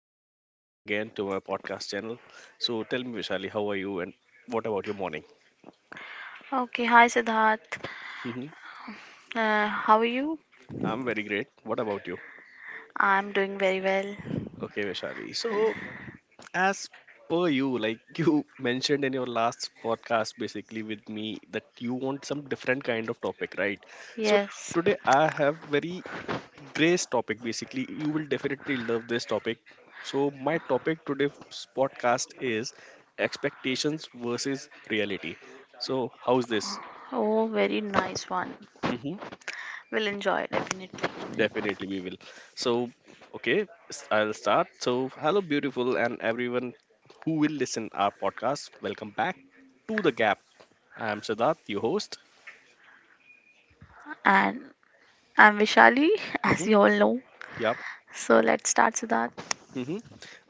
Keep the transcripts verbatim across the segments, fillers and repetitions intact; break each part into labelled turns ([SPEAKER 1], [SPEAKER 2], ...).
[SPEAKER 1] So, welcome again to my podcast channel. So, tell me, Vishali, how are you and what about your morning?
[SPEAKER 2] Okay, hi Siddharth.
[SPEAKER 1] Hmm.
[SPEAKER 2] Uh, how are you?
[SPEAKER 1] I'm very great. What about you?
[SPEAKER 2] I'm doing very well.
[SPEAKER 1] Okay, Vishali. So, as per you, like you mentioned in your last podcast, basically with me, that you want some different kind of topic, right? So,
[SPEAKER 2] Yes.
[SPEAKER 1] today I have very Grace topic basically. You will definitely love this topic. So, my topic today's podcast is expectations versus reality. So, how's this?
[SPEAKER 2] Oh, very nice one.
[SPEAKER 1] Hmm.
[SPEAKER 2] We'll enjoy definitely.
[SPEAKER 1] Definitely, we will. So, okay, s- I'll start. So, hello, beautiful, and everyone who will listen our podcast. Welcome back to the Gap. I am Siddharth, your host.
[SPEAKER 2] And I'm Vishali, as
[SPEAKER 1] Mm-hmm.
[SPEAKER 2] you all know.
[SPEAKER 1] Yeah.
[SPEAKER 2] So let's start, Siddharth.
[SPEAKER 1] Mm-hmm.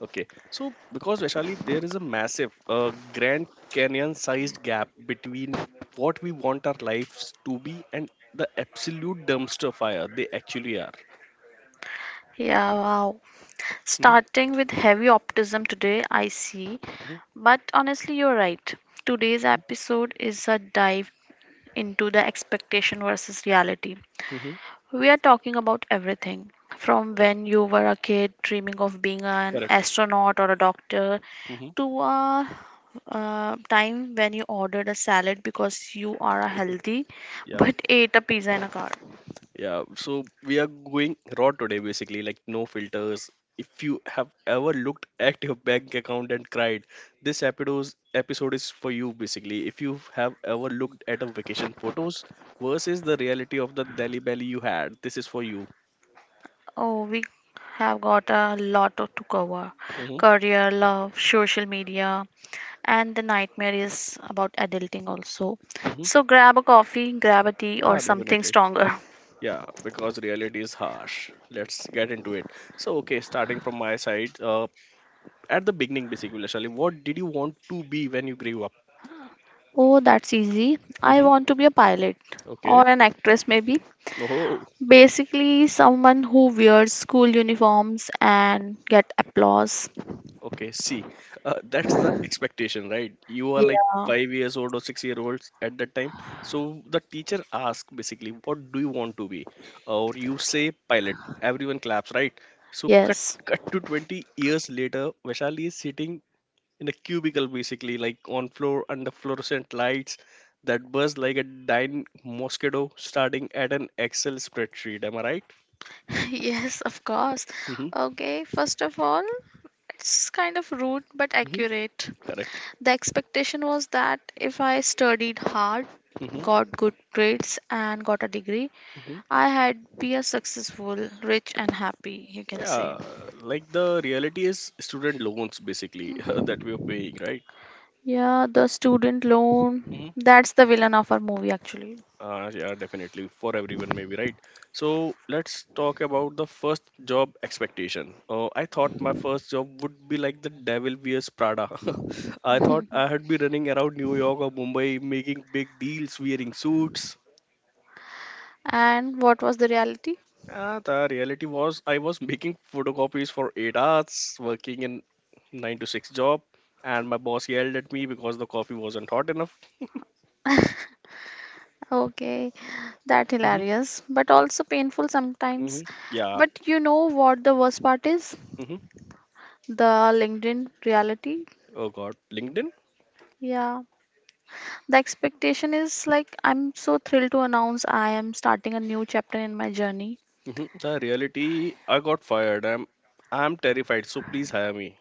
[SPEAKER 1] Okay. So, because Vaishali, there is a massive, uh, Grand Canyon sized gap between what we want our lives to be and the absolute dumpster fire they actually are.
[SPEAKER 2] Yeah, wow.
[SPEAKER 1] Mm-hmm.
[SPEAKER 2] Starting with heavy optimism today, I see.
[SPEAKER 1] Mm-hmm.
[SPEAKER 2] But honestly, you're right. Today's episode is a dive into the expectation versus reality.
[SPEAKER 1] Mm-hmm.
[SPEAKER 2] We are talking about everything from
[SPEAKER 1] Yeah,
[SPEAKER 2] when you were a kid dreaming of being an
[SPEAKER 1] correct.
[SPEAKER 2] astronaut or a doctor
[SPEAKER 1] Mm-hmm.
[SPEAKER 2] to a uh, time when you ordered a salad because you are a healthy
[SPEAKER 1] Yeah.
[SPEAKER 2] but ate a pizza in a car.
[SPEAKER 1] Yeah, so we are going raw today basically, like no filters. If you have ever looked at your bank account and cried, this episode episode is for you basically. If you have ever looked at a vacation photos versus the reality of the Delhi belly you had, this is for you.
[SPEAKER 2] Oh, we have got a lot to to cover
[SPEAKER 1] Hmm.
[SPEAKER 2] career, love, social media, and the nightmare is about adulting also.
[SPEAKER 1] Hmm.
[SPEAKER 2] So grab a coffee, grab a tea, or
[SPEAKER 1] Ah,
[SPEAKER 2] something
[SPEAKER 1] definitely.
[SPEAKER 2] stronger.
[SPEAKER 1] Yeah, because reality is harsh. Let's get into it. So, okay, starting from my side, uh, at the beginning basically, Shali, what did you want to be when you grew up?
[SPEAKER 2] Oh, that's easy. I
[SPEAKER 1] Hmm.
[SPEAKER 2] want to be a pilot
[SPEAKER 1] Okay.
[SPEAKER 2] or an actress, maybe.
[SPEAKER 1] No.
[SPEAKER 2] Basically, someone who wears school uniforms and get applause.
[SPEAKER 1] Okay, see, uh, that's the expectation, right? You are like
[SPEAKER 2] Yeah.
[SPEAKER 1] five years old or six year olds at that time. So the teacher asks basically, what do you want to be? Or you say pilot. Everyone claps, right? So cut
[SPEAKER 2] Yes.
[SPEAKER 1] cut to twenty years later, Vaishali is sitting in a cubicle basically, like on floor under fluorescent lights that buzz like a dying mosquito starting at an Excel spreadsheet. Am I right?
[SPEAKER 2] Yes, of course.
[SPEAKER 1] Mm-hmm.
[SPEAKER 2] Okay, first of all, it's kind of rude but
[SPEAKER 1] Mm-hmm.
[SPEAKER 2] accurate.
[SPEAKER 1] Correct.
[SPEAKER 2] The expectation was that if I studied hard,
[SPEAKER 1] Mm-hmm.
[SPEAKER 2] got good grades, and got a degree, I had be a successful, rich, and happy, you can say.
[SPEAKER 1] Yeah, like the reality is student loans basically that we are paying, right?
[SPEAKER 2] Yeah, the student loan.
[SPEAKER 1] Hmm.
[SPEAKER 2] That's the villain of our movie actually.
[SPEAKER 1] Uh, yeah, definitely for everyone, maybe, right? So let's talk about the first job expectation. Uh, I thought my first job would be like the devil wears Prada. I thought I had be running around New York or Mumbai making big deals, wearing suits.
[SPEAKER 2] And what was the reality?
[SPEAKER 1] Ah, the reality was I was making photocopies for eight hours, working in nine to six job, and my boss yelled at me because the coffee wasn't hot enough.
[SPEAKER 2] Okay, that
[SPEAKER 1] Hmm.
[SPEAKER 2] hilarious, but also painful
[SPEAKER 1] Hmm.
[SPEAKER 2] sometimes.
[SPEAKER 1] Yeah.
[SPEAKER 2] But you know what the worst part is?
[SPEAKER 1] Hmm.
[SPEAKER 2] The LinkedIn reality.
[SPEAKER 1] Oh God, LinkedIn.
[SPEAKER 2] Yeah. The expectation is like I'm so thrilled to announce I am starting a new chapter in my journey.
[SPEAKER 1] Hmm. The reality, I got fired. I'm, I'm terrified. So please hire me.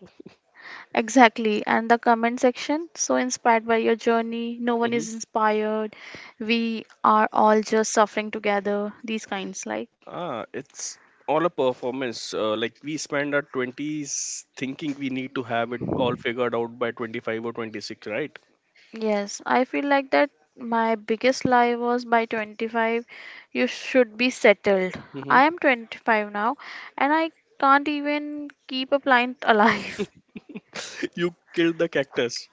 [SPEAKER 2] Exactly, and the comment section, so inspired by your journey, no one
[SPEAKER 1] Hmm.
[SPEAKER 2] is inspired, we are all just suffering together, these kinds like.
[SPEAKER 1] Ah, it's all a performance. Uh, like we spend our twenties thinking we need to have it all figured out by twenty-five or twenty-six, right?
[SPEAKER 2] Yes, I feel like that my biggest lie was by twenty-five, you should be settled.
[SPEAKER 1] Hmm.
[SPEAKER 2] I am twenty-five now, and I can't even keep a plant alive.
[SPEAKER 1] You killed the cactus.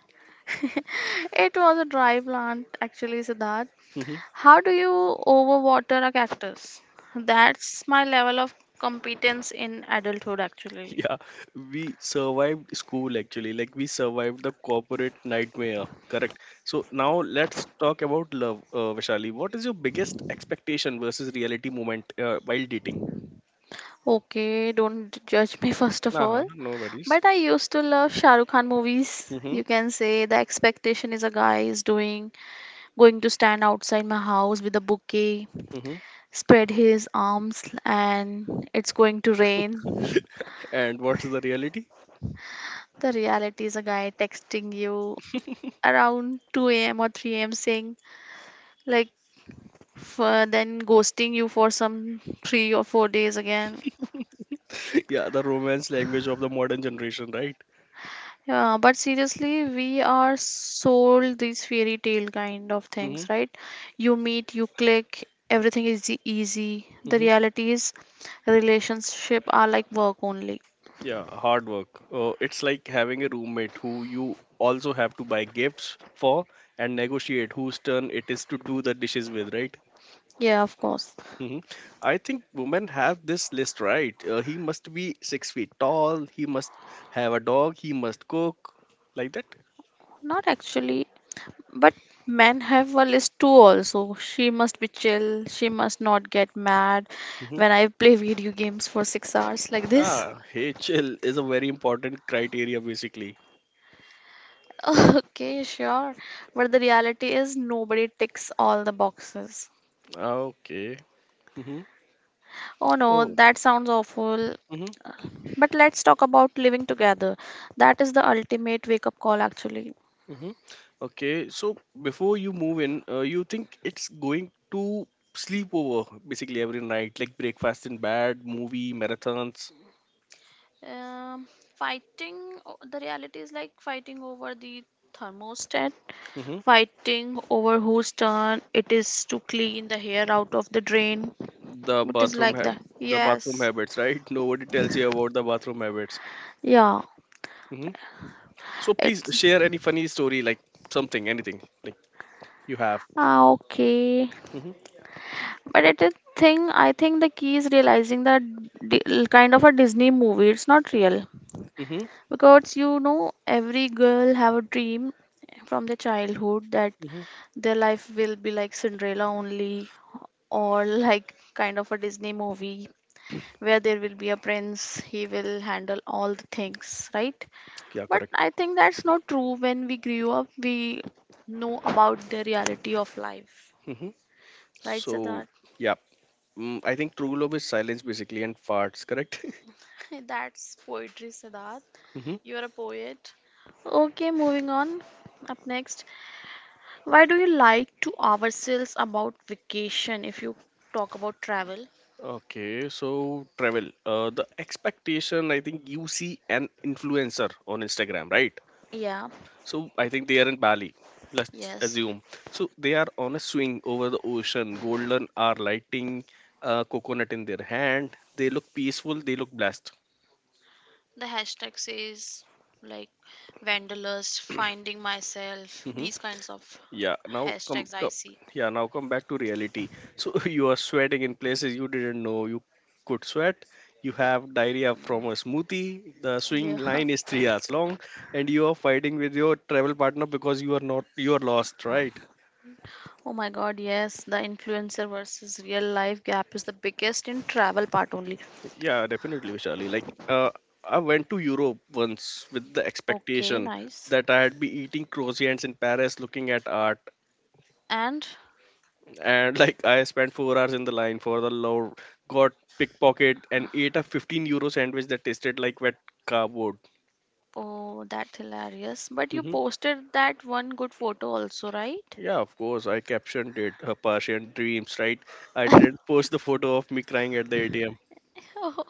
[SPEAKER 2] It was a dry plant, actually, Siddharth. How do you overwater a cactus? That's my level of competence in adulthood, actually.
[SPEAKER 1] Yeah, we survived school actually. Like we survived the corporate nightmare. Correct. So now let's talk about love, uh, Vishali. What is your biggest expectation versus reality moment uh, while dating?
[SPEAKER 2] Okay, don't judge me first of
[SPEAKER 1] Uh-huh,
[SPEAKER 2] all.
[SPEAKER 1] no worries.
[SPEAKER 2] But I used to love Shah Rukh Khan movies.
[SPEAKER 1] Mm-hmm.
[SPEAKER 2] You can say the expectation is a guy is doing going to stand outside my house with a bouquet,
[SPEAKER 1] Mm-hmm.
[SPEAKER 2] spread his arms, and it's going to rain.
[SPEAKER 1] And what's the reality?
[SPEAKER 2] The reality is a guy texting you around two a m or three a m saying, like, for then ghosting you for some three or four days again.
[SPEAKER 1] Yeah, the romance language of the modern generation, right?
[SPEAKER 2] Yeah, but seriously, we are sold these fairy tale kind of
[SPEAKER 1] Mm-hmm.
[SPEAKER 2] things, right? You meet, you click, everything is e- easy. The
[SPEAKER 1] Mm-hmm.
[SPEAKER 2] reality is, relationship are like work only.
[SPEAKER 1] Yeah, hard work. Uh, it's like having a roommate who you also have to buy gifts for and negotiate whose turn it is to do the dishes with, right?
[SPEAKER 2] Yeah, of course.
[SPEAKER 1] Mhm. I think women have this list, right. Uh, he must be six feet tall. He must have a dog. He must cook, like that.
[SPEAKER 2] Not actually, but men have a list too also. She must be chill, she must not get mad
[SPEAKER 1] Hmm.
[SPEAKER 2] when I play video games for six hours like this.
[SPEAKER 1] Ah, H L is a very important criteria basically.
[SPEAKER 2] Okay, sure. But the reality is nobody ticks all the boxes.
[SPEAKER 1] Ah, okay. Hmm.
[SPEAKER 2] Oh no,
[SPEAKER 1] Oh.
[SPEAKER 2] that sounds awful.
[SPEAKER 1] Hmm.
[SPEAKER 2] But let's talk about living together. That is the ultimate wake up call, actually.
[SPEAKER 1] Hmm. Okay. So before you move in, uh, you think it's going to sleep over basically every night, like breakfast in bed, movie marathons.
[SPEAKER 2] Um, Fighting, o- the reality is like fighting over the thermostat,
[SPEAKER 1] Mm-hmm.
[SPEAKER 2] fighting over whose turn it is to clean the hair out of the drain.
[SPEAKER 1] the
[SPEAKER 2] It is
[SPEAKER 1] bathroom
[SPEAKER 2] like
[SPEAKER 1] ha-
[SPEAKER 2] that.
[SPEAKER 1] the bathroom
[SPEAKER 2] Yes.
[SPEAKER 1] habits, right? Nobody tells you about the bathroom habits.
[SPEAKER 2] Yeah.
[SPEAKER 1] Hmm. So please
[SPEAKER 2] It's
[SPEAKER 1] share any funny story, like something, anything like you have.
[SPEAKER 2] ah, okay.
[SPEAKER 1] Hmm.
[SPEAKER 2] But it is thing I think the key is realizing that di- kind of a Disney movie. It's not real
[SPEAKER 1] Hmm.
[SPEAKER 2] because you know every girl have a dream from the childhood that
[SPEAKER 1] Hmm.
[SPEAKER 2] their life will be like Cinderella only or like kind of a Disney movie where there will be a prince. He will handle all the things, right?
[SPEAKER 1] Yeah,
[SPEAKER 2] But
[SPEAKER 1] correct.
[SPEAKER 2] I think that's not true. When we grew up, we know about the reality of life,
[SPEAKER 1] Hmm.
[SPEAKER 2] right,
[SPEAKER 1] So
[SPEAKER 2] Siddharth?
[SPEAKER 1] yeah. Mm, i think true love is silence basically and farts, correct.
[SPEAKER 2] That's poetry, Siddharth.
[SPEAKER 1] Hmm.
[SPEAKER 2] You are a poet. Okay, moving on. Up next, why do you lie to ourselves about vacation if you talk about travel?
[SPEAKER 1] Okay. So travel, uh, the expectation I think you see an influencer on Instagram, right?
[SPEAKER 2] Yeah,
[SPEAKER 1] So I think they are in Bali. Let's
[SPEAKER 2] yes.
[SPEAKER 1] assume. So they are on a swing over the ocean. Golden are lighting a coconut in their hand. They look peaceful. They look blessed.
[SPEAKER 2] The hashtag says like wanderlust, finding myself,
[SPEAKER 1] Hmm.
[SPEAKER 2] these kinds of
[SPEAKER 1] Yeah. Now come,
[SPEAKER 2] hashtags I
[SPEAKER 1] come.
[SPEAKER 2] see.
[SPEAKER 1] Yeah. Now come back to reality. So you are sweating in places you didn't know you could sweat. You have diarrhea from a smoothie. The swing
[SPEAKER 2] Yeah.
[SPEAKER 1] line is three hours long, and you are fighting with your travel partner because you are not you are lost, right?
[SPEAKER 2] Oh my god, yes. The influencer versus real life gap is the biggest in travel part only.
[SPEAKER 1] Yeah, definitely, Vishali. Like, uh, I went to Europe once with the
[SPEAKER 2] Okay,
[SPEAKER 1] expectation
[SPEAKER 2] nice.
[SPEAKER 1] that I had be eating croissants in Paris, looking at art,
[SPEAKER 2] And
[SPEAKER 1] and like I spent four hours in the line for the love, got pickpocket, and ate a fifteen euro sandwich that tasted like wet cardboard.
[SPEAKER 2] Oh, that's hilarious. But you
[SPEAKER 1] Hmm.
[SPEAKER 2] posted that one good photo also, right?
[SPEAKER 1] Yeah, of course, I captioned it, her Persian dreams, right? I didn't post the photo of me crying at the.
[SPEAKER 2] Oh,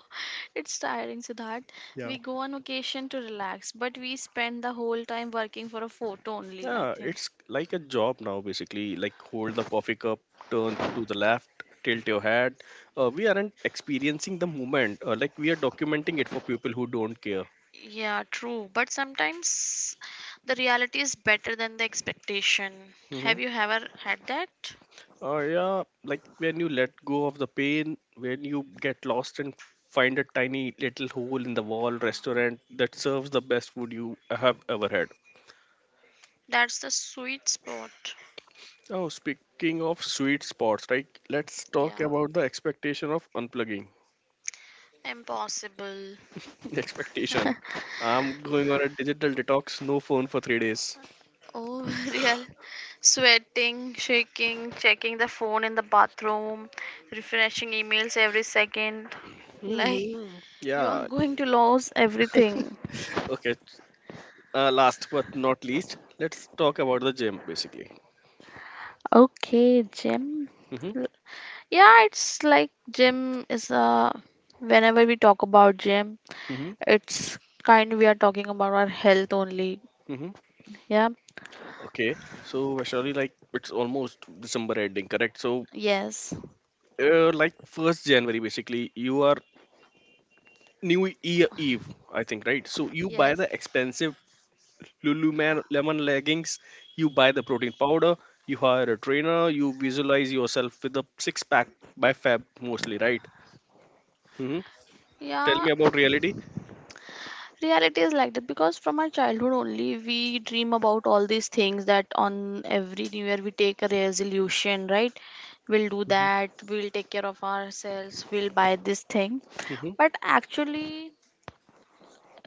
[SPEAKER 2] it's tiring, Siddharth. We go on vacation to relax, but we spend the whole time working for a photo only, I
[SPEAKER 1] Yeah,
[SPEAKER 2] think.
[SPEAKER 1] it's like a job now, basically. Like hold the coffee cup, turn to the left, tilt your head. Uh, we aren't experiencing the moment. Uh, like we are documenting it for people who don't care.
[SPEAKER 2] Yeah, true. But sometimes the reality is better than the expectation.
[SPEAKER 1] Mm-hmm.
[SPEAKER 2] Have you ever had that?
[SPEAKER 1] Uh, yeah, like when you let go of the pain, when you get lost and find a tiny little hole in the wall restaurant that serves the best food you have ever had.
[SPEAKER 2] That's the sweet spot.
[SPEAKER 1] Oh, speaking of sweet spots, right? Let's talk
[SPEAKER 2] Yeah,
[SPEAKER 1] about the expectation of unplugging.
[SPEAKER 2] impossible.
[SPEAKER 1] Expectation. I'm going on a digital detox, no phone for three days.
[SPEAKER 2] Oh, real. Sweating, shaking, checking the phone in the bathroom, refreshing emails every second. Like,
[SPEAKER 1] Hmm.
[SPEAKER 2] you are
[SPEAKER 1] Yeah.
[SPEAKER 2] going to lose everything.
[SPEAKER 1] Okay. Uh, last but not least, let's talk about the gym basically.
[SPEAKER 2] Okay, gym.
[SPEAKER 1] Hmm.
[SPEAKER 2] L- Yeah, it's like gym is a. Whenever we talk about gym,
[SPEAKER 1] Hmm.
[SPEAKER 2] it's kind we are talking about our health only.
[SPEAKER 1] Hmm.
[SPEAKER 2] Yeah.
[SPEAKER 1] Okay. So, Vaishali, like it's almost December ending, correct? So,
[SPEAKER 2] Yes.
[SPEAKER 1] uh, like first January, basically, you are New Year Eve, I think, right? So you buy
[SPEAKER 2] Yes.
[SPEAKER 1] the expensive Lululemon leggings, you buy the protein powder, you hire a trainer, you visualize yourself with a six pack by Feb mostly, right? Hmm. Tell
[SPEAKER 2] Yeah,
[SPEAKER 1] me about reality.
[SPEAKER 2] reality is like that because from our childhood only we dream about all these things that on every new year we take a resolution, right? We'll do
[SPEAKER 1] Hmm.
[SPEAKER 2] that, we'll take care of ourselves, we'll buy this thing,
[SPEAKER 1] Hmm.
[SPEAKER 2] but actually,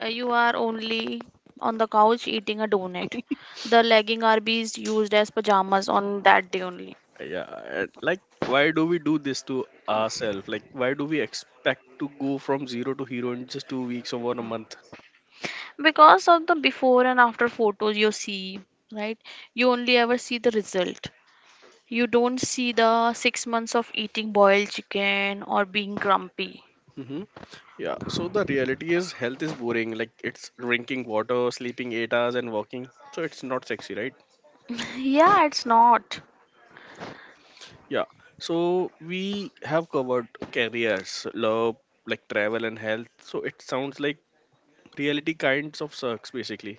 [SPEAKER 2] uh, you are only on the couch eating a donut. The legging are being used as pajamas on that day only
[SPEAKER 1] Yeah, and, like why do we do this to ourselves? Like why do we expect to go from zero to hero in just two weeks or one a month?
[SPEAKER 2] because of the before and after photos you see, right? You only ever see the result. You don't see the six months of eating boiled chicken or being grumpy.
[SPEAKER 1] Hmm. Yeah, so the reality is health is boring. Like it's drinking water, sleeping eight hours, and walking. So it's not sexy, right?
[SPEAKER 2] Yeah, it's not.
[SPEAKER 1] Yeah. So we have covered careers, love, like travel and health. So it sounds like reality kinds of sucks basically.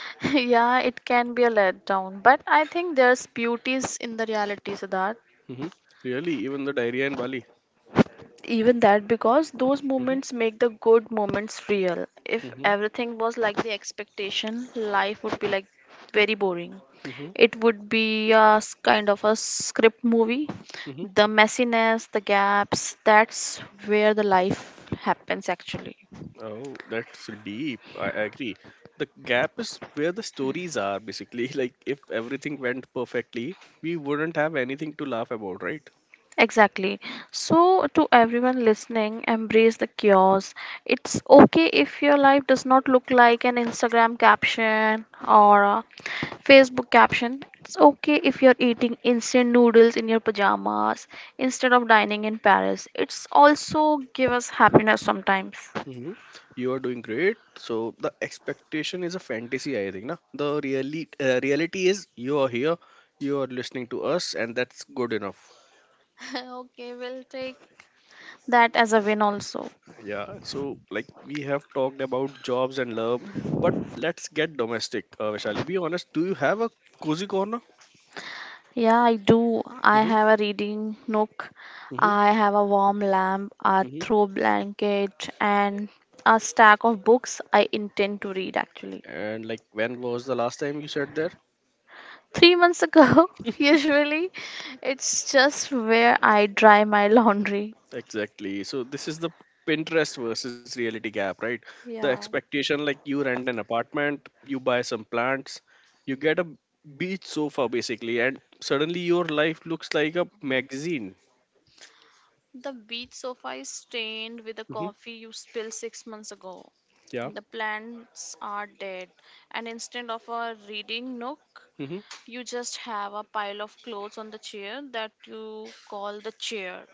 [SPEAKER 2] Yeah, it can be a letdown. But I think there's beauties in the reality, Siddharth.
[SPEAKER 1] Mm-hmm. Really, even the diarrhea in Bali.
[SPEAKER 2] Even that, because those
[SPEAKER 1] Mm-hmm.
[SPEAKER 2] moments make the good moments real. If
[SPEAKER 1] Mm-hmm.
[SPEAKER 2] everything was like the expectation, life would be like very boring.
[SPEAKER 1] Mm-hmm.
[SPEAKER 2] It would be a s- kind of a script movie.
[SPEAKER 1] Mm-hmm.
[SPEAKER 2] The messiness, the gaps, that's where the life happens actually.
[SPEAKER 1] Oh, that's deep. I agree. The gap is where the stories are basically. Like if everything went perfectly, we wouldn't have anything to laugh about, right?
[SPEAKER 2] Exactly. So, to everyone listening, embrace the chaos. It's okay if your life does not look like an Instagram caption or a Facebook caption. It's okay if you're eating instant noodles in your pajamas instead of dining in Paris. It's also give us happiness sometimes.
[SPEAKER 1] Hmm. You are doing great. So the expectation is a fantasy, I think. Na? The really, uh, reality is you are here, you are listening to us, and that's good enough.
[SPEAKER 2] Okay, we'll take that as a win also.
[SPEAKER 1] Yeah. So like we have talked about jobs and love, but let's get domestic. Uh, Vaishali, be honest. Do you have a cozy corner?
[SPEAKER 2] Yeah, I do. I
[SPEAKER 1] Mm-hmm.
[SPEAKER 2] have a reading nook.
[SPEAKER 1] Mm-hmm.
[SPEAKER 2] I have a warm lamp, a
[SPEAKER 1] Mm-hmm.
[SPEAKER 2] throw blanket, and a stack of books I intend to read actually.
[SPEAKER 1] And like, when was the last time you sat there?
[SPEAKER 2] Three months ago, usually, it's just where I dry my laundry.
[SPEAKER 1] Exactly. So this is the Pinterest versus reality gap, right? The
[SPEAKER 2] Yeah.
[SPEAKER 1] expectation like you rent an apartment, you buy some plants, you get a beach sofa basically, and suddenly your life looks like a magazine.
[SPEAKER 2] The beach sofa is stained with the
[SPEAKER 1] Hmm.
[SPEAKER 2] coffee you spilled six months ago.
[SPEAKER 1] Yeah.
[SPEAKER 2] The plants are dead, and instead of a reading nook,
[SPEAKER 1] Hmm.
[SPEAKER 2] you just have a pile of clothes on the chair that you call the chair.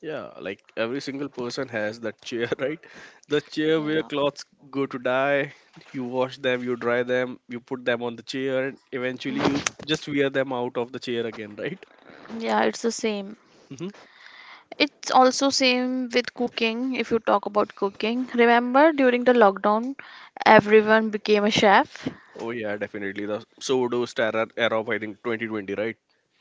[SPEAKER 1] Yeah. Like every single person has that chair, right? The chair where
[SPEAKER 2] Yeah.
[SPEAKER 1] clothes go to die. You wash them, you dry them, you put them on the chair, and eventually you just wear them out of the chair again, right?
[SPEAKER 2] Yeah, it's the same.
[SPEAKER 1] Mm-hmm.
[SPEAKER 2] It's also same with cooking if you talk about cooking. Remember during the lockdown everyone became a chef?
[SPEAKER 1] Oh yeah, definitely the pseudo era era of I think twenty twenty, right?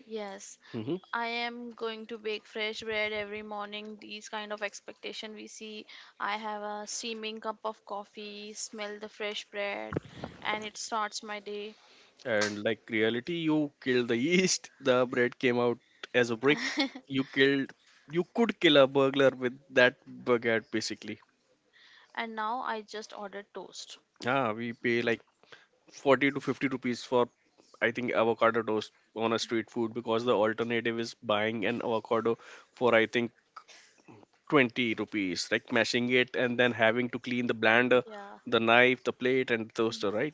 [SPEAKER 2] Yes.
[SPEAKER 1] Hmm.
[SPEAKER 2] I am going to bake fresh bread every morning. These kind of expectation we see. I have a steaming cup of coffee, smell the fresh bread, and it starts my day.
[SPEAKER 1] And like reality, you killed the yeast. The bread came out as a brick. You killed. You could kill a burglar with that baguette, basically.
[SPEAKER 2] And now I just order toast.
[SPEAKER 1] Ah, we pay like forty to fifty rupees for I think avocado toast on a street food because the alternative is buying an avocado for I think twenty rupees, like mashing it and then having to clean the blender,
[SPEAKER 2] Yeah.
[SPEAKER 1] the knife, the plate, and the toaster, right?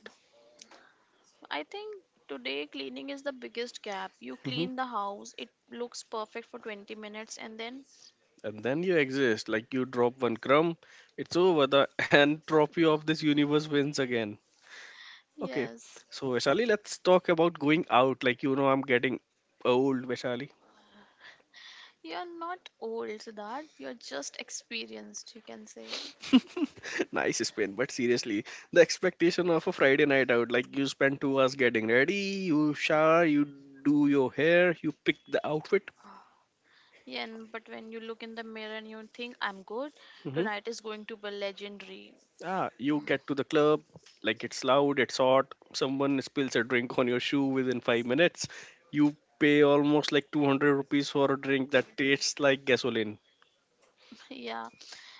[SPEAKER 2] I think today cleaning is the biggest gap. You clean the house, it looks perfect for twenty minutes, and then,
[SPEAKER 1] And then you exist. Like you drop one crumb, it's over. The entropy of this universe wins again. Okay, so
[SPEAKER 2] yes,
[SPEAKER 1] Vaishali, let's talk about going out. Like you know, I'm getting old, Vaishali.
[SPEAKER 2] you're not old, Siddharth. You're just experienced, you can say.
[SPEAKER 1] Nice spin, but seriously, the expectation of a Friday night out, like you spend two hours getting ready, you shower, you do your hair, you pick the outfit.
[SPEAKER 2] Yeah, and but when you look in the mirror and you think, I'm good,
[SPEAKER 1] Mm-hmm.
[SPEAKER 2] tonight is going to be legendary.
[SPEAKER 1] Ah, you get to the club, like it's loud, it's hot, someone spills a drink on your shoe within five minutes. You pay almost like two hundred rupees for a drink that tastes like gasoline.
[SPEAKER 2] Yeah,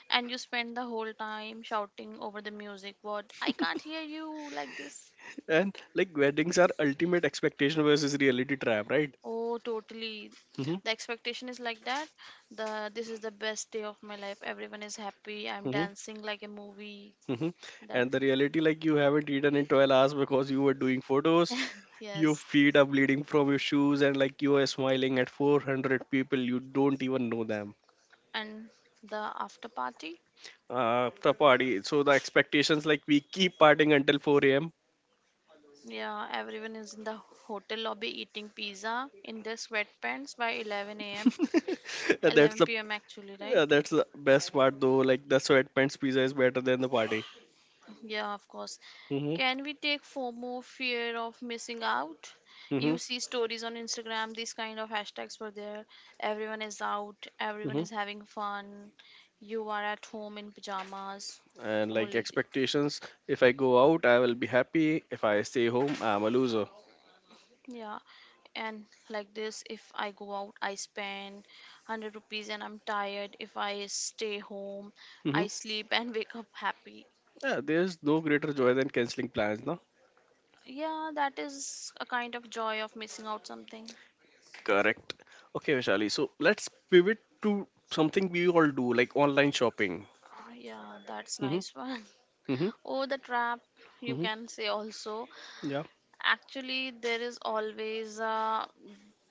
[SPEAKER 2] and you spend the whole time shouting over the music, what? I can't hear you like this.
[SPEAKER 1] And like weddings are ultimate expectation versus reality trap, right?
[SPEAKER 2] Oh, totally.
[SPEAKER 1] Hmm.
[SPEAKER 2] The expectation is like that. The this is the best day of my life. Everyone is happy. I'm
[SPEAKER 1] Hmm.
[SPEAKER 2] dancing like a movie.
[SPEAKER 1] Hmm.
[SPEAKER 2] That
[SPEAKER 1] And the reality, like you haven't eaten in twelve hours because you were doing photos, your
[SPEAKER 2] yes.
[SPEAKER 1] feet are bleeding from your shoes, and like you are smiling at four hundred people, you don't even know them.
[SPEAKER 2] And the after party?
[SPEAKER 1] Uh, the party. So the expectations, like, we keep partying until four a m
[SPEAKER 2] Yeah, everyone is in the hotel lobby eating pizza in their sweatpants by eleven a m
[SPEAKER 1] That's the
[SPEAKER 2] eleven p m actually, right?
[SPEAKER 1] Yeah, that's the best part though. Like the sweatpants pizza is better than the party.
[SPEAKER 2] Yeah, of course.
[SPEAKER 1] Hmm
[SPEAKER 2] Can we take FOMO, fear of missing out?
[SPEAKER 1] hmm
[SPEAKER 2] You see stories on Instagram, these kind of hashtags were there. Everyone is out, everyone
[SPEAKER 1] hmm.
[SPEAKER 2] is having fun. You are at home in pajamas.
[SPEAKER 1] And like
[SPEAKER 2] Only, the-
[SPEAKER 1] expectations, if I go out, I will be happy. If I stay home, I'm a loser.
[SPEAKER 2] yeah. And like this, if I go out, I spend one hundred rupees and I'm tired. If I stay home,
[SPEAKER 1] Hmm.
[SPEAKER 2] I sleep and wake up happy.
[SPEAKER 1] Yeah, there's no greater joy than canceling plans, no?
[SPEAKER 2] Yeah, that is a kind of joy of missing out something.
[SPEAKER 1] Correct. Okay, Vishali. So let's pivot to something we all do, like online shopping.
[SPEAKER 2] Uh, Yeah, that's
[SPEAKER 1] Hmm
[SPEAKER 2] nice one.
[SPEAKER 1] hmm
[SPEAKER 2] Oh, the trap, you
[SPEAKER 1] hmm.
[SPEAKER 2] can say also.
[SPEAKER 1] Yeah.
[SPEAKER 2] Actually, there is always a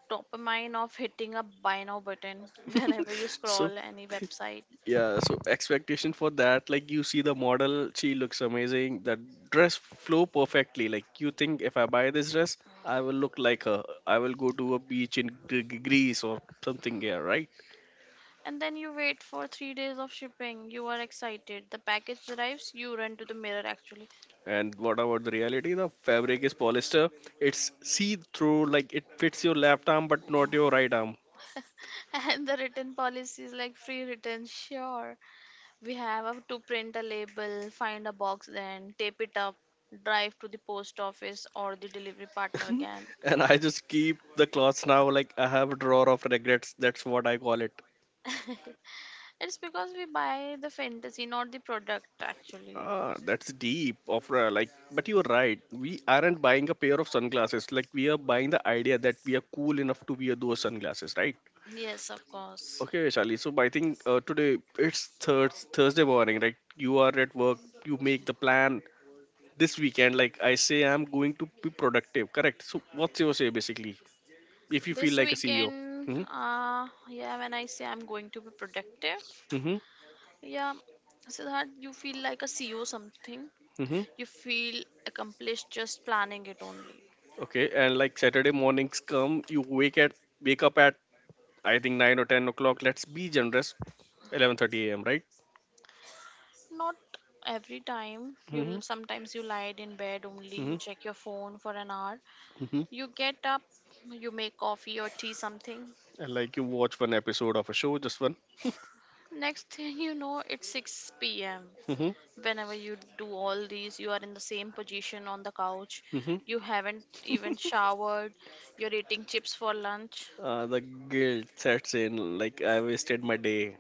[SPEAKER 2] dopamine of hitting a buy now button whenever you
[SPEAKER 1] So
[SPEAKER 2] scroll any website.
[SPEAKER 1] Yeah, so expectation for that, like you see the model, she looks amazing. The dress flow perfectly. Like you think if I buy this dress, I will look like her. I will go to a beach in Gre- Gre- Greece or something here, right?
[SPEAKER 2] And then you wait for three days of shipping. You are excited. The package arrives, you run to the mirror actually.
[SPEAKER 1] And what about the reality? The fabric is polyester. It's see-through, like it fits your left arm but not your right arm.
[SPEAKER 2] And the return policy is like free return. Sure, we have to print a label, find a box, then tape it up, drive to the post office or the delivery partner again.
[SPEAKER 1] And I just keep the clothes now, like I have a drawer of regrets. That's what I call it.
[SPEAKER 2] It's because we buy the fantasy, not the product, actually.
[SPEAKER 1] Ah, that's deep, Ofra. Like, but you're right. We aren't buying a pair of sunglasses. Like, we are buying the idea that we are cool enough to wear those sunglasses, right?
[SPEAKER 2] Yes, of course.
[SPEAKER 1] Okay, Shali. So, I think uh, today it's thurs Thursday morning, right? You are at work. You make the plan this weekend. Like I say, I'm going to be productive. Correct. So, what's your say basically? If you feel
[SPEAKER 2] This
[SPEAKER 1] like a C E O.
[SPEAKER 2] weekend,
[SPEAKER 1] Hmm.
[SPEAKER 2] uh, yeah, when I say I'm going to be productive,
[SPEAKER 1] hmm
[SPEAKER 2] yeah, so that you feel like a C E O something.
[SPEAKER 1] hmm
[SPEAKER 2] You feel accomplished just planning it only.
[SPEAKER 1] Okay. And like Saturday mornings come, you wake at wake up at I think nine or ten o'clock. Let's be generous. Eleven thirty a m. Right?
[SPEAKER 2] Not every time.
[SPEAKER 1] Mm-hmm.
[SPEAKER 2] You'll sometimes you lied in bed only. You
[SPEAKER 1] Mm-hmm.
[SPEAKER 2] check your phone for an hour.
[SPEAKER 1] Mm-hmm.
[SPEAKER 2] You get up, you make coffee or tea something.
[SPEAKER 1] And like you watch one episode of a show, just one.
[SPEAKER 2] Next thing you know, it's six p m
[SPEAKER 1] Mm-hmm.
[SPEAKER 2] Whenever you do all these, you are in the same position on the couch,
[SPEAKER 1] Mm-hmm.
[SPEAKER 2] you haven't even showered, you're eating chips for lunch.
[SPEAKER 1] Uh, the guilt sets in. Like I wasted my day.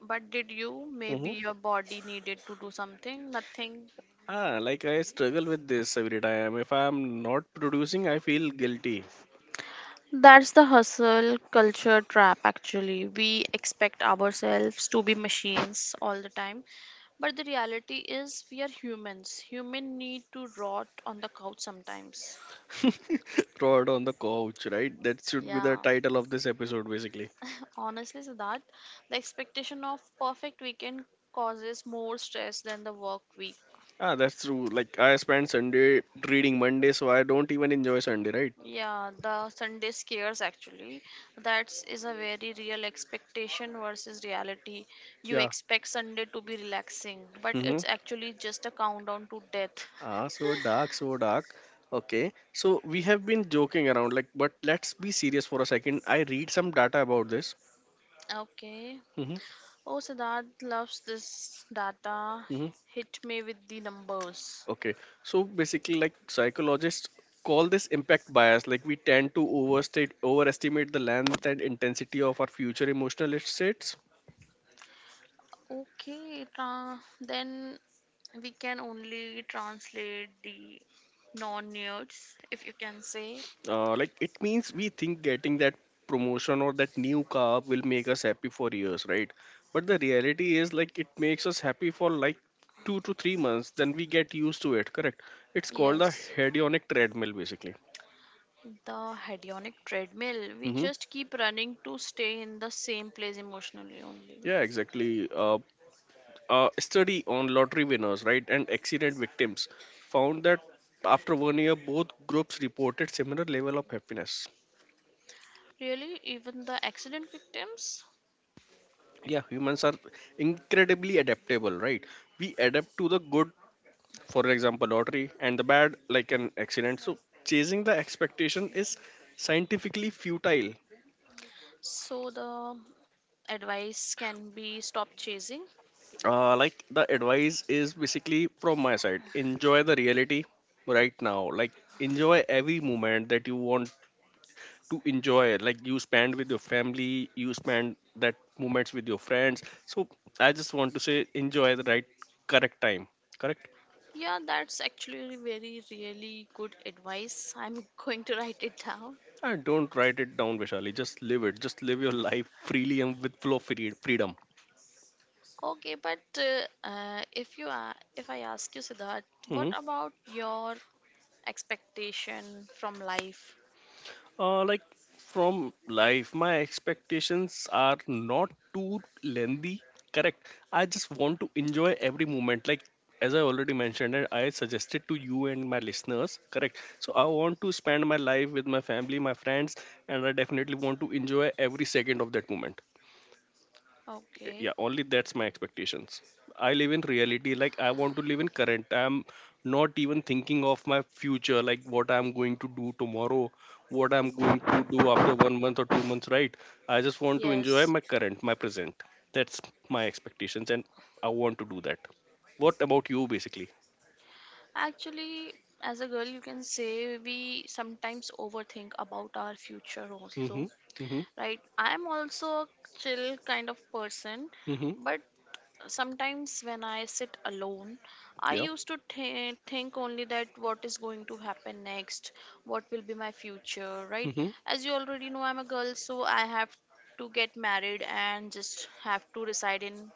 [SPEAKER 2] But did you, maybe
[SPEAKER 1] Mm-hmm.
[SPEAKER 2] your body needed to do something, nothing.
[SPEAKER 1] Ah, like I struggle with this every time. If I'm not producing, I feel guilty.
[SPEAKER 2] That's the hustle culture trap actually. We expect ourselves to be machines all the time, but the reality is we are humans. Human need to rot on the couch sometimes.
[SPEAKER 1] Rod on the couch, right? That should be the
[SPEAKER 2] Yeah.
[SPEAKER 1] title of this episode, basically.
[SPEAKER 2] Honestly, Siddharth, the expectation of perfect weekend causes more stress than the work week.
[SPEAKER 1] Ah, that's true. Like I spend Sunday reading Monday, so I don't even enjoy Sunday, right?
[SPEAKER 2] Yeah, the Sunday scares actually. That is a very real expectation versus reality. You expect Sunday to be relaxing, but
[SPEAKER 1] Yeah.
[SPEAKER 2] it's actually just a countdown to death.
[SPEAKER 1] Ah, so dark, so dark. Okay, so we have been joking around, like, but let's be serious for a second. I read some data about this.
[SPEAKER 2] Okay.
[SPEAKER 1] Hmm
[SPEAKER 2] Oh, Siddharth loves this data.
[SPEAKER 1] hmm.
[SPEAKER 2] Hit me with the numbers.
[SPEAKER 1] Okay, so basically, like, psychologists call this impact bias. Like, we tend to overstate, overestimate the length and intensity of our future emotional states.
[SPEAKER 2] Okay, tra- then we can only translate the non-nudes, if you can say.
[SPEAKER 1] Uh, like it means we think getting that promotion or that new car will make us happy for years, right? But the reality is like it makes us happy for like two to three months, then we get used to it, correct? It's called the
[SPEAKER 2] Yes,
[SPEAKER 1] hedonic treadmill basically.
[SPEAKER 2] the hedonic treadmill. We
[SPEAKER 1] Mm-hmm.
[SPEAKER 2] just keep running to stay in the same place emotionally only.
[SPEAKER 1] Yeah, exactly. Uh, a study on lottery winners, right, and accident victims found that after one year, both groups reported similar level of happiness.
[SPEAKER 2] Really, even the accident victims?
[SPEAKER 1] Yeah, humans are incredibly adaptable, right? We adapt to the good, for example lottery, and the bad like an accident, so chasing the expectation is scientifically futile.
[SPEAKER 2] So the advice can be stop chasing.
[SPEAKER 1] Uh, like the advice is basically from my side, enjoy the reality right now. Like enjoy every moment that you want to enjoy, like you spend with your family, you spend that moments with your friends. So I just want to say enjoy the right, correct time. Correct.
[SPEAKER 2] Yeah, that's actually very, really good advice. I'm going to write it down.
[SPEAKER 1] And don't write it down, Vishali, just live it, just live your life freely and with flow, free- freedom.
[SPEAKER 2] Okay, but uh, uh, if you are, if I ask you, Siddharth, what
[SPEAKER 1] Mm-hmm.
[SPEAKER 2] about your expectation from life?
[SPEAKER 1] Uh, like from life, my expectations are not too lengthy. Correct. I just want to enjoy every moment. Like as I already mentioned, and I suggested to you and my listeners. Correct. So I want to spend my life with my family, my friends, and I definitely want to enjoy every second of that moment.
[SPEAKER 2] Okay,
[SPEAKER 1] Yeah, only that's my expectations. I live in reality, like I want to live in current. I'm not even thinking of my future, like what I'm going to do tomorrow, what I'm going to do after one month or two months, right? I just want to enjoy
[SPEAKER 2] yes.
[SPEAKER 1] my current, my present. That's my expectations and I want to do that. What about you, basically?
[SPEAKER 2] Actually, as a girl, you can say we sometimes overthink about our future also,
[SPEAKER 1] Mm-hmm. mm-hmm
[SPEAKER 2] right? I'm also a chill kind of person,
[SPEAKER 1] mm-hmm
[SPEAKER 2] but sometimes when I sit alone, I
[SPEAKER 1] yeah.
[SPEAKER 2] used to th- think only that what is going to happen next, what will be my future, right?
[SPEAKER 1] Mm-hmm.
[SPEAKER 2] As you already know, I'm a girl, so I have to get married and just have to reside in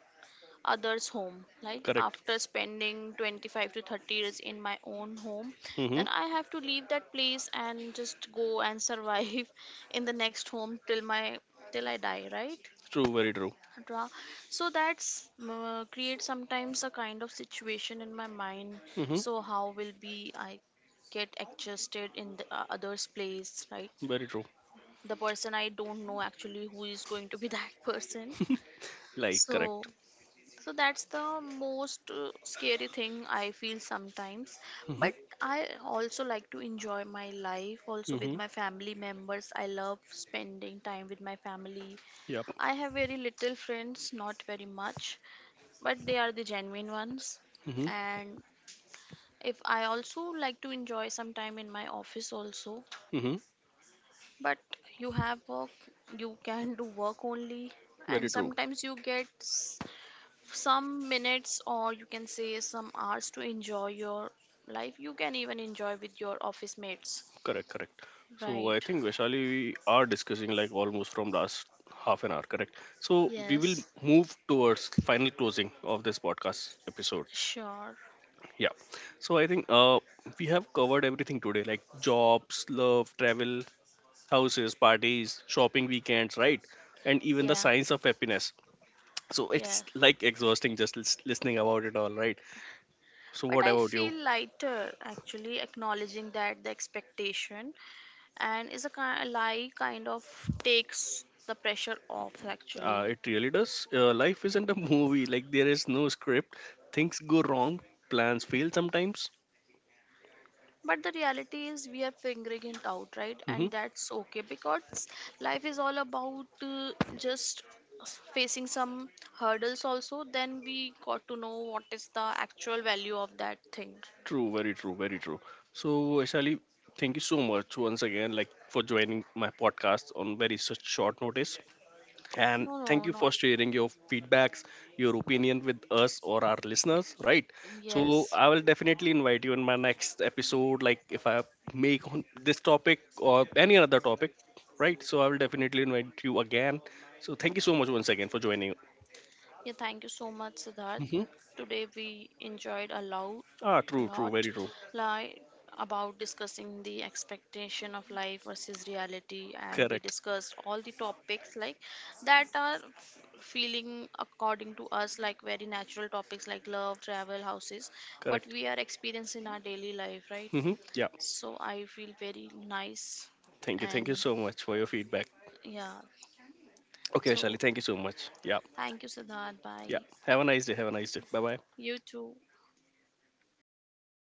[SPEAKER 2] others' home. Like
[SPEAKER 1] Correct.
[SPEAKER 2] after spending twenty-five to thirty years in my own home, then
[SPEAKER 1] Mm-hmm.
[SPEAKER 2] I have to leave that place and just go and survive in the next home till my till I die, right?
[SPEAKER 1] True, very true.
[SPEAKER 2] Ra- so that's, uh, creates sometimes a kind of situation in my mind.
[SPEAKER 1] Mm-hmm.
[SPEAKER 2] So how will be I get adjusted in the uh, other's place, right?
[SPEAKER 1] Very true.
[SPEAKER 2] The person I don't know actually who is going to be that person.
[SPEAKER 1] Like
[SPEAKER 2] So
[SPEAKER 1] correct.
[SPEAKER 2] so that's the most uh, scary thing I feel sometimes. But
[SPEAKER 1] Mm-hmm.
[SPEAKER 2] I also like to enjoy my life also with
[SPEAKER 1] mm-hmm
[SPEAKER 2] my family members. I love spending time with my family.
[SPEAKER 1] yep.
[SPEAKER 2] I have very little friends, not very much, but they are the genuine ones.
[SPEAKER 1] mm-hmm
[SPEAKER 2] And if I also like to enjoy some time in my office also,
[SPEAKER 1] mm-hmm.
[SPEAKER 2] but you have work, you can do work only, and
[SPEAKER 1] Very true.
[SPEAKER 2] sometimes you get s- some minutes or you can say some hours to enjoy your life. You can even enjoy with your office mates,
[SPEAKER 1] Correct, correct. So I
[SPEAKER 2] right?
[SPEAKER 1] think Vaishali, we are discussing like almost from last half an hour, correct? So we will
[SPEAKER 2] Yes,
[SPEAKER 1] move towards final closing of this podcast episode.
[SPEAKER 2] sure.
[SPEAKER 1] Yeah. So I think uh, we have covered everything today, like jobs, love, travel, houses, parties, shopping weekends, right? And even the
[SPEAKER 2] Yeah,
[SPEAKER 1] science of happiness. So
[SPEAKER 2] yeah.
[SPEAKER 1] it's like exhausting just lis- listening about it all, right? So
[SPEAKER 2] But
[SPEAKER 1] what
[SPEAKER 2] I
[SPEAKER 1] about
[SPEAKER 2] feel
[SPEAKER 1] you?
[SPEAKER 2] lighter actually, acknowledging that the expectation and is a kind lie kind of takes the pressure off
[SPEAKER 1] Uh,
[SPEAKER 2] actually.
[SPEAKER 1] it really does. Uh, life isn't a movie. Like there is no script. Things go wrong. Plans fail sometimes.
[SPEAKER 2] But the reality is we are figuring it out, right? And
[SPEAKER 1] Hmm.
[SPEAKER 2] that's okay, because life is all about, uh, just facing some hurdles also, then we got to know what is the actual value of that thing.
[SPEAKER 1] True. Very true. Very true. So, Shali, thank you so much once again, like for joining my podcast on very such short notice.
[SPEAKER 2] No,
[SPEAKER 1] And
[SPEAKER 2] no,
[SPEAKER 1] thank you
[SPEAKER 2] not
[SPEAKER 1] for sharing your feedbacks, your opinion with us or our listeners, right? So
[SPEAKER 2] yes.
[SPEAKER 1] I will definitely invite you in my next episode, like if I make on this topic or any other topic, right? So I will definitely invite you again. So thank you so much once again for joining.
[SPEAKER 2] Yeah, thank you so much, Siddharth.
[SPEAKER 1] Hmm.
[SPEAKER 2] Today we enjoyed a lot,
[SPEAKER 1] Ah,
[SPEAKER 2] a
[SPEAKER 1] true, true,
[SPEAKER 2] lot,
[SPEAKER 1] very true.
[SPEAKER 2] like, about discussing the expectation of life versus reality, and we
[SPEAKER 1] Correct,
[SPEAKER 2] discussed all the topics like that are f- feeling according to us like very natural topics like love, travel, houses, what
[SPEAKER 1] correct.
[SPEAKER 2] we are experiencing in our daily life, right?
[SPEAKER 1] Hmm. Yeah,
[SPEAKER 2] So I feel very nice,
[SPEAKER 1] thank you, thank you
[SPEAKER 2] and
[SPEAKER 1] so much for your feedback.
[SPEAKER 2] yeah.
[SPEAKER 1] Okay,
[SPEAKER 2] So
[SPEAKER 1] Shali, thank you so much. Yeah.
[SPEAKER 2] thank you, Siddharth. Bye.
[SPEAKER 1] Yeah, have a nice day, have a nice day, bye bye.
[SPEAKER 2] You too.